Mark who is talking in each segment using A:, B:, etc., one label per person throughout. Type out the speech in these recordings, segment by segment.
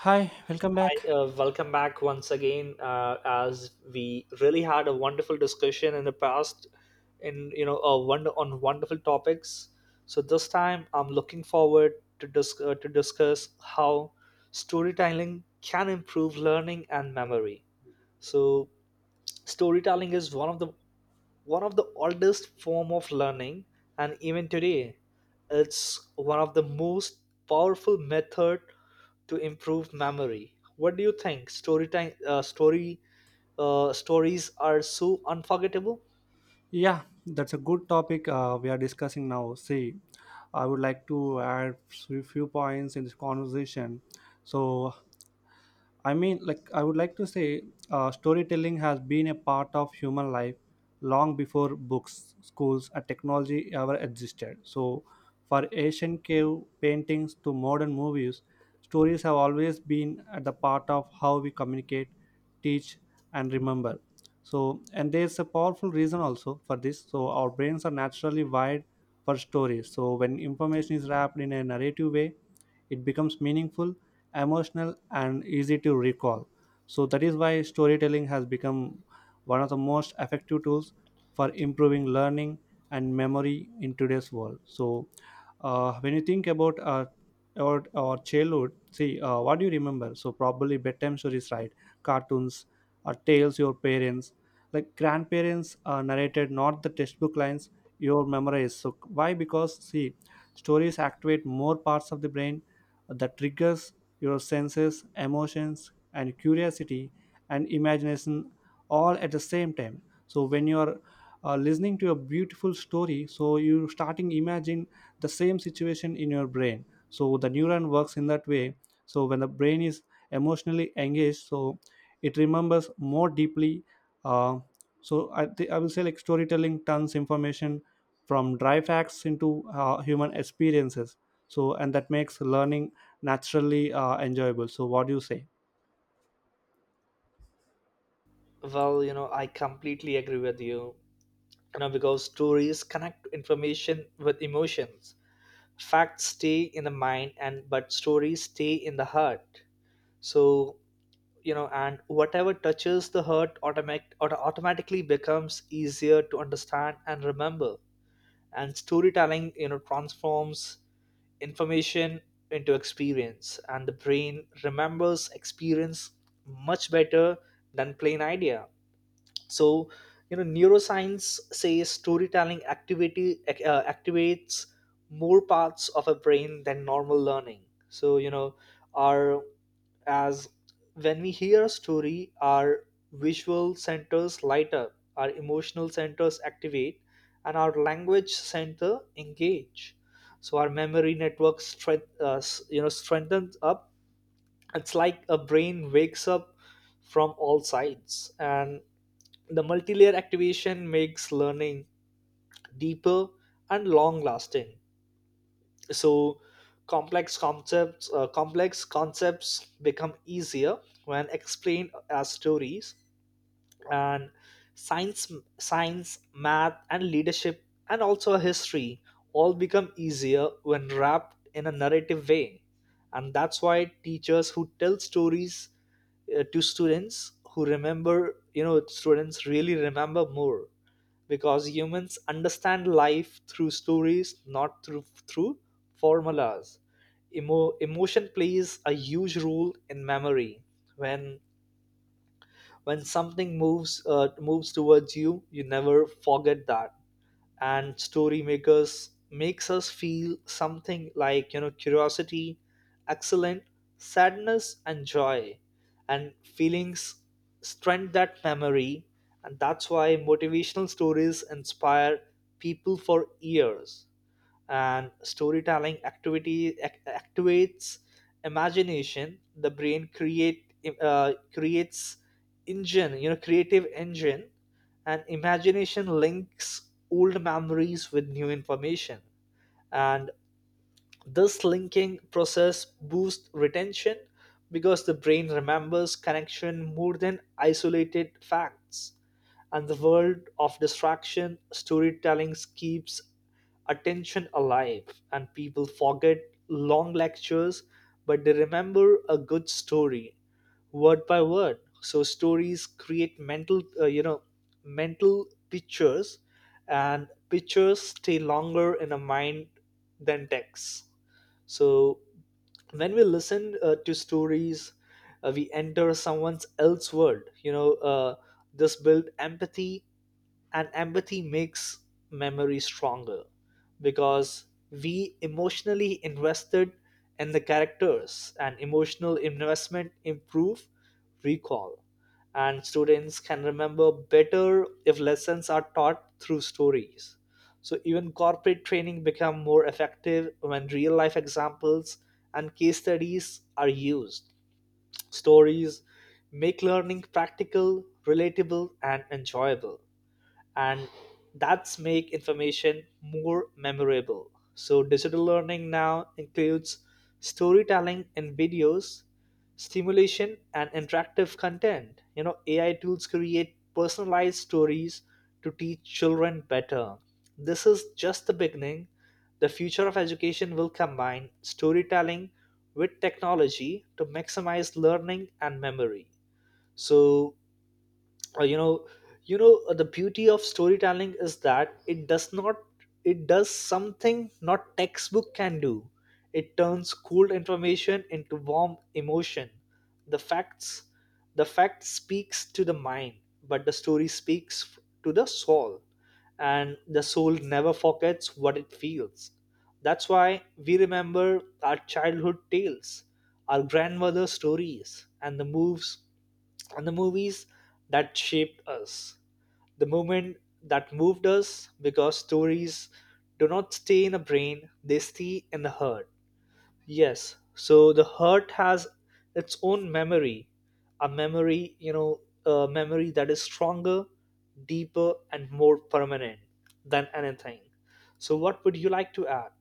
A: Hi, welcome
B: Hi,
A: back.
B: welcome back once again. As we really had a wonderful discussion in the past, in wonder on wonderful topics. So this time, I'm looking forward to to discuss how storytelling can improve learning and memory. So storytelling is one of the oldest form of learning, and even today it's one of the most powerful method to improve memory. What do you think? Story time story Stories are so unforgettable.
A: Yeah, that's a good topic we are discussing now. See, I would like to add few points in this conversation. So, I mean, like, I would like to say storytelling has been a part of human life long before books, schools, and technology ever existed. So, for ancient cave paintings to modern movies, stories have always been at the part of how we communicate, teach, and remember. So, and there's a powerful reason also for this. So, our brains are naturally wired for stories. So, when information is wrapped in a narrative way, it becomes meaningful emotional and easy to recall. So that is why storytelling has become one of the most effective tools for improving learning and memory in today's world. So when you think about our childhood, see, what do you remember? So probably bedtime stories, right? Cartoons or tales your parents like grandparents narrated, not the textbook lines your memorized. So why? Because, see, stories activate more parts of the brain that triggers your senses, emotions, and curiosity and imagination all at the same time. So when you are listening to a beautiful story, so you starting imagine the same situation in your brain. So the neuron works in that way. So when the brain is emotionally engaged, so it remembers more deeply. Uh, I will say like storytelling turns information from dry facts into human experiences. So and that makes learning naturally enjoyable. So what do you say?
B: Well, you know, I completely agree with you, you know, because stories connect information with emotions. Facts stay in the mind, and but stories stay in the heart. So, you know, and whatever touches the heart automatically becomes easier to understand and remember. And storytelling, you know, transforms information into experience, and the brain remembers experience much better than plain idea. So, you know, neuroscience says storytelling activates more parts of a brain than normal learning. So, you know, our as when we hear a story, our visual centers light up, our emotional centers activate, and our language center engage. So our memory network you know, strengthens up. It's like a brain wakes up from all sides, and the multi-layer activation makes learning deeper and long-lasting. So complex concepts become easier when explained as stories. And science science, math and leadership, and also history, all become easier when wrapped in a narrative way. And that's why teachers who tell stories to students who remember you know, students really remember more, because humans understand life through stories, not through formulas. Emotion plays a huge role in memory. When when something moves towards you, you never forget that. And story makers makes us feel something, like, you know, curiosity, excellent, sadness and joy, and feelings strengthen that memory. And that's why motivational stories inspire people for years. And storytelling activates imagination. The brain creates engine, you know, creative engine. And imagination links old memories with new information, and this linking process boosts retention, because the brain remembers connection more than isolated facts. And the world of distraction, storytelling keeps attention alive, and people forget long lectures, but they remember a good story word by word. So stories create mental, mental pictures, and pictures stay longer in a mind than texts. So when we listen to stories, we enter someone else's world. You know, this build empathy, and empathy makes memory stronger, because we emotionally invested in the characters, and emotional investment improve recall. And students can remember better if lessons are taught through stories. So even corporate training become more effective when real life examples and case studies are used. Stories make learning practical, relatable and enjoyable, and that's make information more memorable. So digital learning now includes storytelling in videos, stimulation and interactive content. You know, AI tools create personalized stories to teach children better. This is just the beginning. The future of education will combine storytelling with technology to maximize learning and memory. So, uh, you know the beauty of storytelling is that it does not, it does something not textbook can do. It turns cold information into warm emotion. the facts the fact speaks to the mind, but the story speaks to the soul, and the soul never forgets what it feels. That's why we remember our childhood tales, our grandmother's stories, and the movies that shaped us, the moment that moved us, because stories do not stay in the brain, they stay in the heart. Yes, so the heart has its own memory, a memory that is stronger, deeper, and more permanent than anything. So, what would you like to add?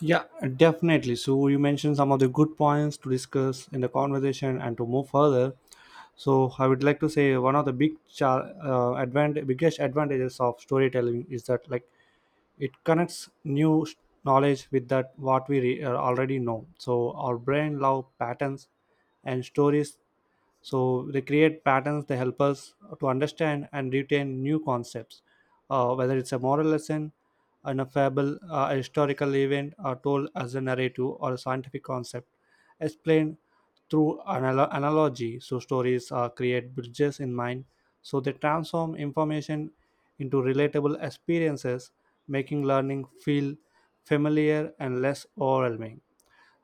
A: Yeah, definitely. So you mentioned some of the good points to discuss in the conversation and to move further. So I would like to say one of the biggest advantages of storytelling is that, like, it connects knowledge with that what we already know. So our brain love patterns and stories. So they create patterns. They help us to understand and retain new concepts, whether it's a moral lesson, an a fable, a historical event, or told as a narrative, or a scientific concept, explained through analogy. So stories create bridges in mind. So they transform information into relatable experiences, making learning feel familiar and less overwhelming.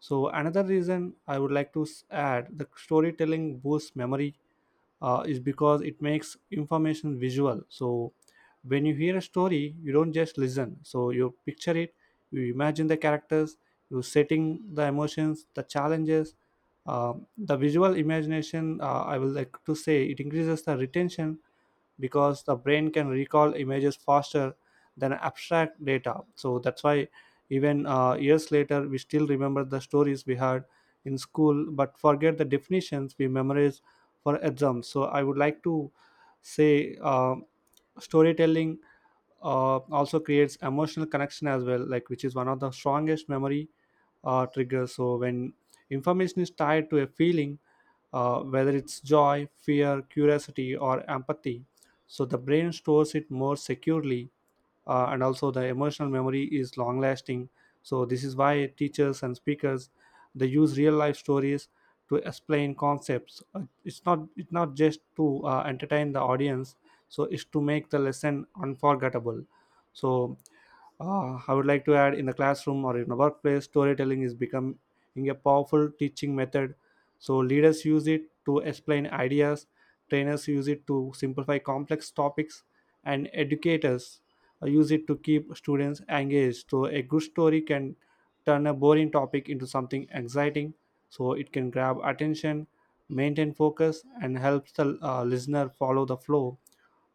A: So another reason I would like to add the storytelling boosts memory is because it makes information visual. So when you hear a story, you don't just listen. So you picture it, you imagine the characters, you setting the emotions, the challenges. The visual imagination, I will like to say, it increases the retention because the brain can recall images faster than abstract data. So that's why even years later we still remember the stories we heard in school but forget the definitions we memorized for exams. So I would like to say uh, storytelling also creates emotional connection as well, like, which is one of the strongest memory triggers. So when information is tied to a feeling, whether it's joy, fear, curiosity, or empathy, so the brain stores it more securely. And also the emotional memory is long lasting. So this is why teachers and speakers, they use real life stories to explain concepts. It's not just to entertain the audience, so it's to make the lesson unforgettable. So I would like to add, in the classroom or in the workplace, storytelling is becoming a powerful teaching method. So, leaders use it to explain ideas, trainers use it to simplify complex topics, and educators use it to keep students engaged. So, a good story can turn a boring topic into something exciting. So it can grab attention, maintain focus, and helps the listener follow the flow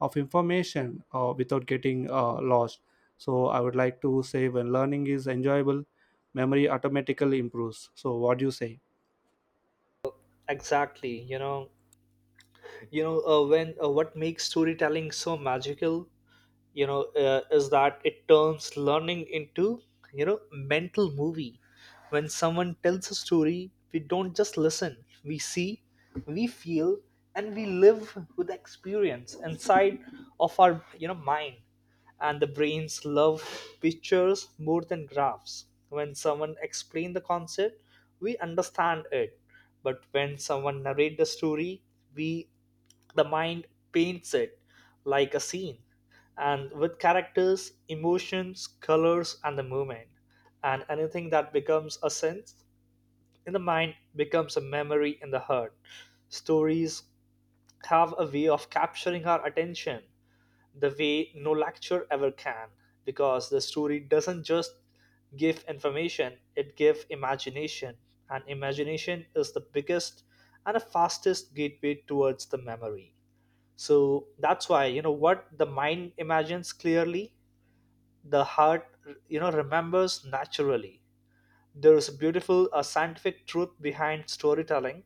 A: of information without getting lost. So I would like to say when learning is enjoyable, memory automatically improves. So what do you say?
B: Exactly, you know, when what makes storytelling so magical, is that it turns learning into, you know, mental movie. When someone tells a story, we don't just listen, we see, we feel, and we live with the experience inside of our, you know, mind. And the brains love pictures more than graphs. When someone explains the concept, we understand it, but when someone narrates the story, we, the mind paints it like a scene, and with characters, emotions, colors, and the movement. And anything that becomes a sense in the mind becomes a memory in the heart. Stories have a way of capturing our attention the way no lecture ever can, because the story doesn't just give information, it gives imagination. And imagination is the biggest and the fastest gateway towards the memory. So that's why, you know, what the mind imagines clearly, the heart, you know, remembers naturally. There is a beautiful scientific truth behind storytelling.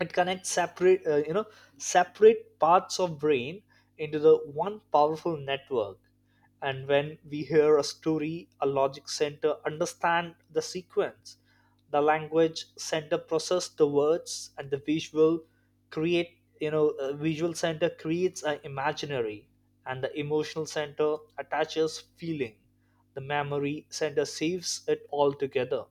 B: It connects separate you know separate parts of brain into the one powerful network. And when we hear a story, a logic center understand the sequence, the language center process the words, and the visual center creates an imaginary, and the emotional center attaches feeling, the memory center saves it all together.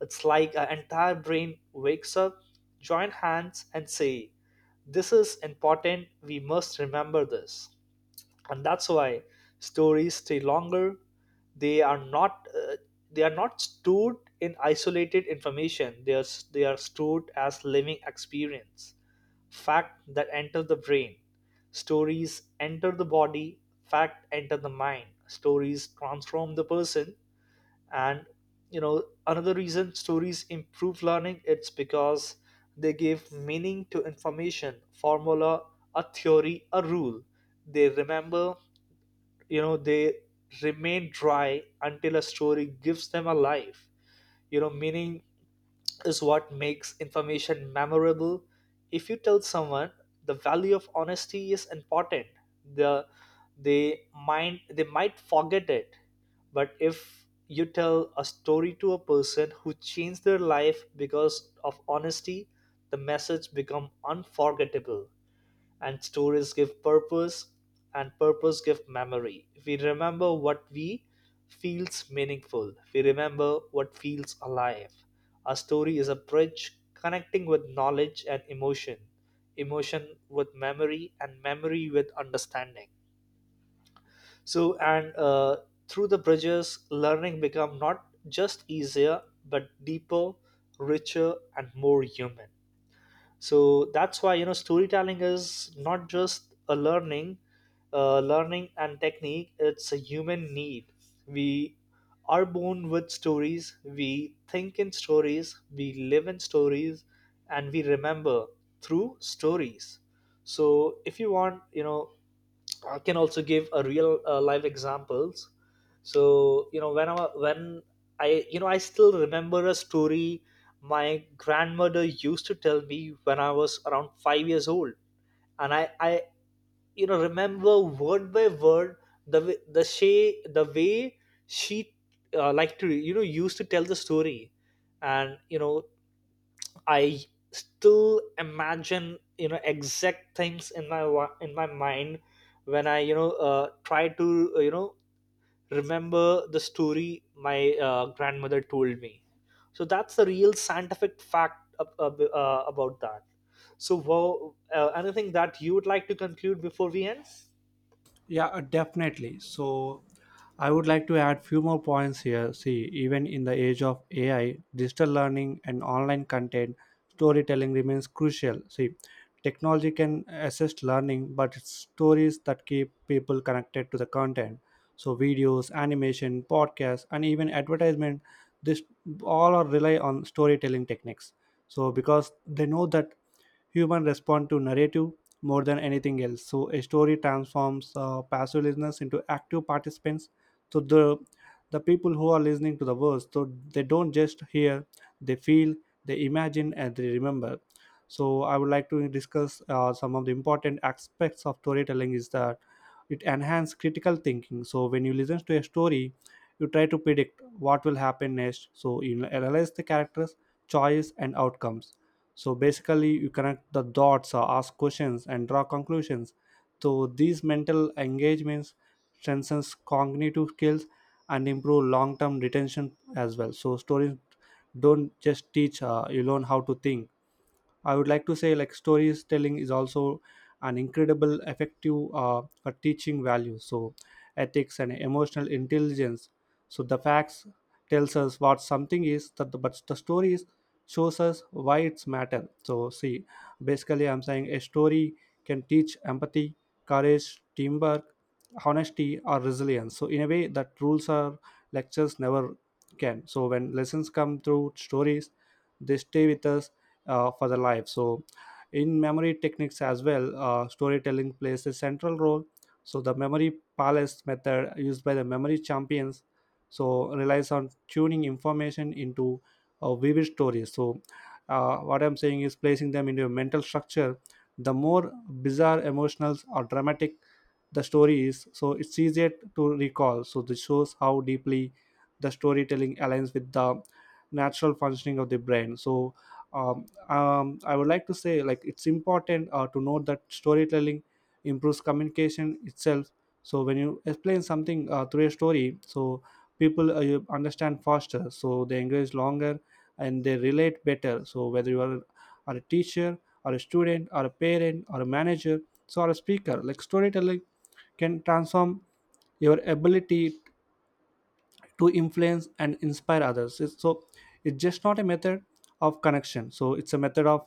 B: It's like our entire brain wakes up, join hands, and say, "This is important, we must remember this." And that's why stories stay longer. They are not uh, they are not stored in isolated information. They are stored as living experience, fact that enter the brain. Stories enter the body, fact enter the mind. Stories transform the person. And, you know, another reason stories improve learning, it's because they give meaning to information. Formula, a theory, a rule, they remember you know they remain dry until a story gives them a life. You know, meaning is what makes information memorable. If you tell someone the value of honesty is important, the they they might forget it. But if you tell a story to a person who changed their life because of honesty, the message become unforgettable. And stories give purpose, and purpose give memory. We remember what we feels meaningful, we remember what feels alive. A story is a bridge connecting with knowledge and emotion, emotion with memory, and memory with understanding. So, and through the bridges, learning become not just easier, but deeper, richer and more human. So that's why, you know, storytelling is not just a learning and technique, it's a human need. We are born with stories, we think in stories, we live in stories, and we remember through stories. So if you want, you know, I can also give a real live examples. So, you know, when I you know, I still remember a story my grandmother used to tell me when I was around 5 years old, and I you know, remember word by word the way- the she the way she like to you know, used to tell the story. And, you know, I still imagine, you know, exact things in my in my mind when I, you know, try to you know, remember the story my, grandmother told me. So that's the real scientific fact about that. So, wow, anything that you would like to conclude before we end?
A: Yeah, definitely. So I would like to add few more points here. See, even in the age of AI, digital learning and online content, storytelling remains crucial. See, technology can assist learning, but it's stories that keep people connected to the content. So videos, animation, podcasts, and even advertisement, this all are rely on storytelling techniques. So because they know that humans respond to narrative more than anything else. So a story transforms passive listeners into active participants. So the people who are listening to the words, so they don't just hear, they feel, they imagine, and they remember. So I would like to discuss some of the important aspects of storytelling. Is that it enhances critical thinking. So when you listen to a story, you try to predict what will happen next. So you analyze the characters, choice, and outcomes. So basically, you connect the dots, or ask questions, and draw conclusions. So these mental engagements strengthens cognitive skills and improve long-term retention as well. So stories don't just teach; you learn how to think. I would like to say like storytelling is also an incredible effective for teaching value, so ethics and emotional intelligence. So the facts tells us what something is that the, but the stories shows us why it's matter. So, see, basically I'm saying a story can teach empathy, courage, teamwork, honesty, or resilience, so in a way that rules or lectures never can. So when lessons come through stories, they stay with us for the life. So, in memory techniques as well, storytelling plays a central role. So, the memory palace method used by the memory champions so relies on tuning information into vivid stories. So, what I'm saying is placing them into a mental structure. The more bizarre, emotional, or dramatic the story is, so it's easier to recall. So, this shows how deeply the storytelling aligns with the natural functioning of the brain. So, um, I would like to say, like, it's important to note that storytelling improves communication itself. So when you explain something through a story, so people you understand faster, so they engage longer and they relate better. So whether are a teacher or a student or a parent or a manager, so or a speaker, like storytelling can transform your ability to influence and inspire others. So it's just not a method of connection, so it's a method of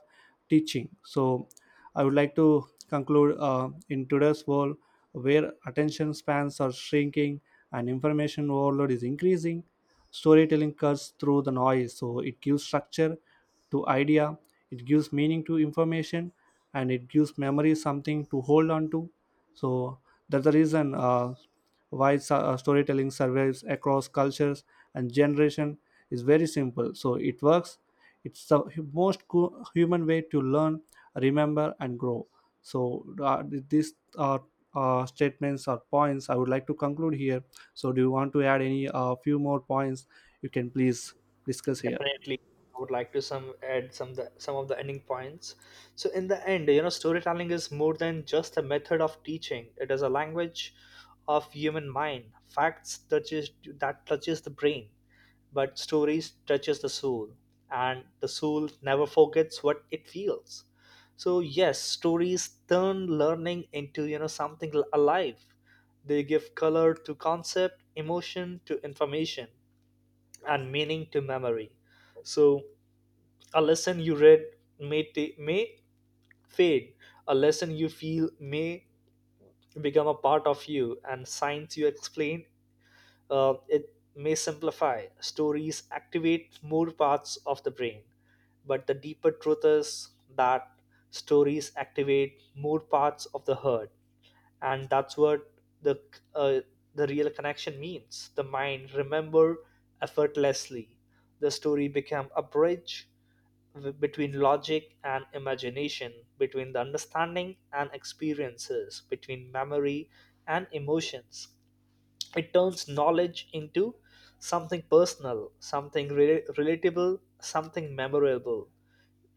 A: teaching. So I would like to conclude, in today's world where attention spans are shrinking and information overload is increasing, storytelling cuts through the noise. So it gives structure to idea, it gives meaning to information, and it gives memory something to hold on to. So that's the reason storytelling survives across cultures and generation is very simple. So it works. It's the human way to learn, remember, and grow. So these statements or points I would like to conclude here. So do you want to add any few more points? You can please discuss here.
B: Definitely, I would like to some of the ending points. So in the end, you know, storytelling is more than just a method of teaching, it is a language of human mind. Facts touches That touches the brain, but stories touches the soul, and the soul never forgets what it feels. So yes, stories turn learning into, you know, something alive. They give color to concept, emotion to information, and meaning to memory. So, a lesson you read may fade, a lesson you feel may become a part of you, and science you explain, it may simplify. Stories activate more parts of the brain, but the deeper truth is that stories activate more parts of the heart, and that's what the uh, the real connection means. The mind remember effortlessly, the story became a bridge between logic and imagination, between the understanding and experiences, between memory and emotions. It turns knowledge into something personal, something relatable, something memorable.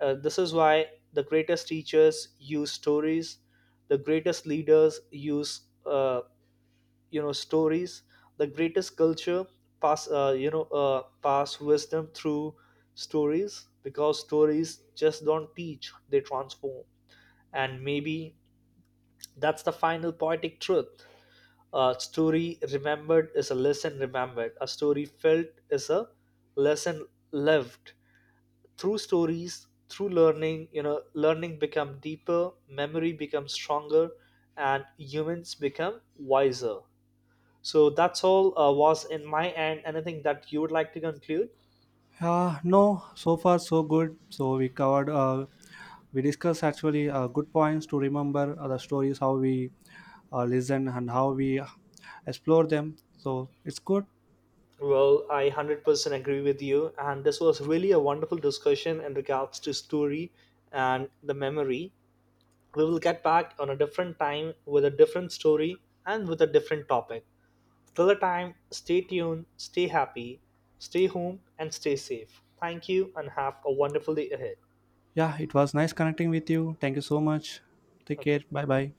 B: This is why the greatest teachers use stories, the greatest leaders use, uh, stories, the greatest culture pass you know pass wisdom through stories, because stories just don't teach, they transform. And maybe that's the final poetic truth. A story remembered is a lesson remembered, a story felt is a lesson lived. Through stories, through learning, you know, learning become deeper, memory becomes stronger, and humans become wiser. So that's all, was in my end. Anything that you would like to conclude?
A: No, so far so good. So we covered, we discussed actually good points to remember the stories, how we listen and how we explore them. So it's good.
B: Well, I 100% agree with you. And this was really a wonderful discussion in regards to story and the memory. We will get back on a different time with a different story and with a different topic. Till the time, stay tuned, stay happy, stay home, and stay safe. Thank you and have a wonderful day ahead.
A: Yeah, it was nice connecting with you. Thank you so much. Take care.
B: Okay.
A: Bye bye.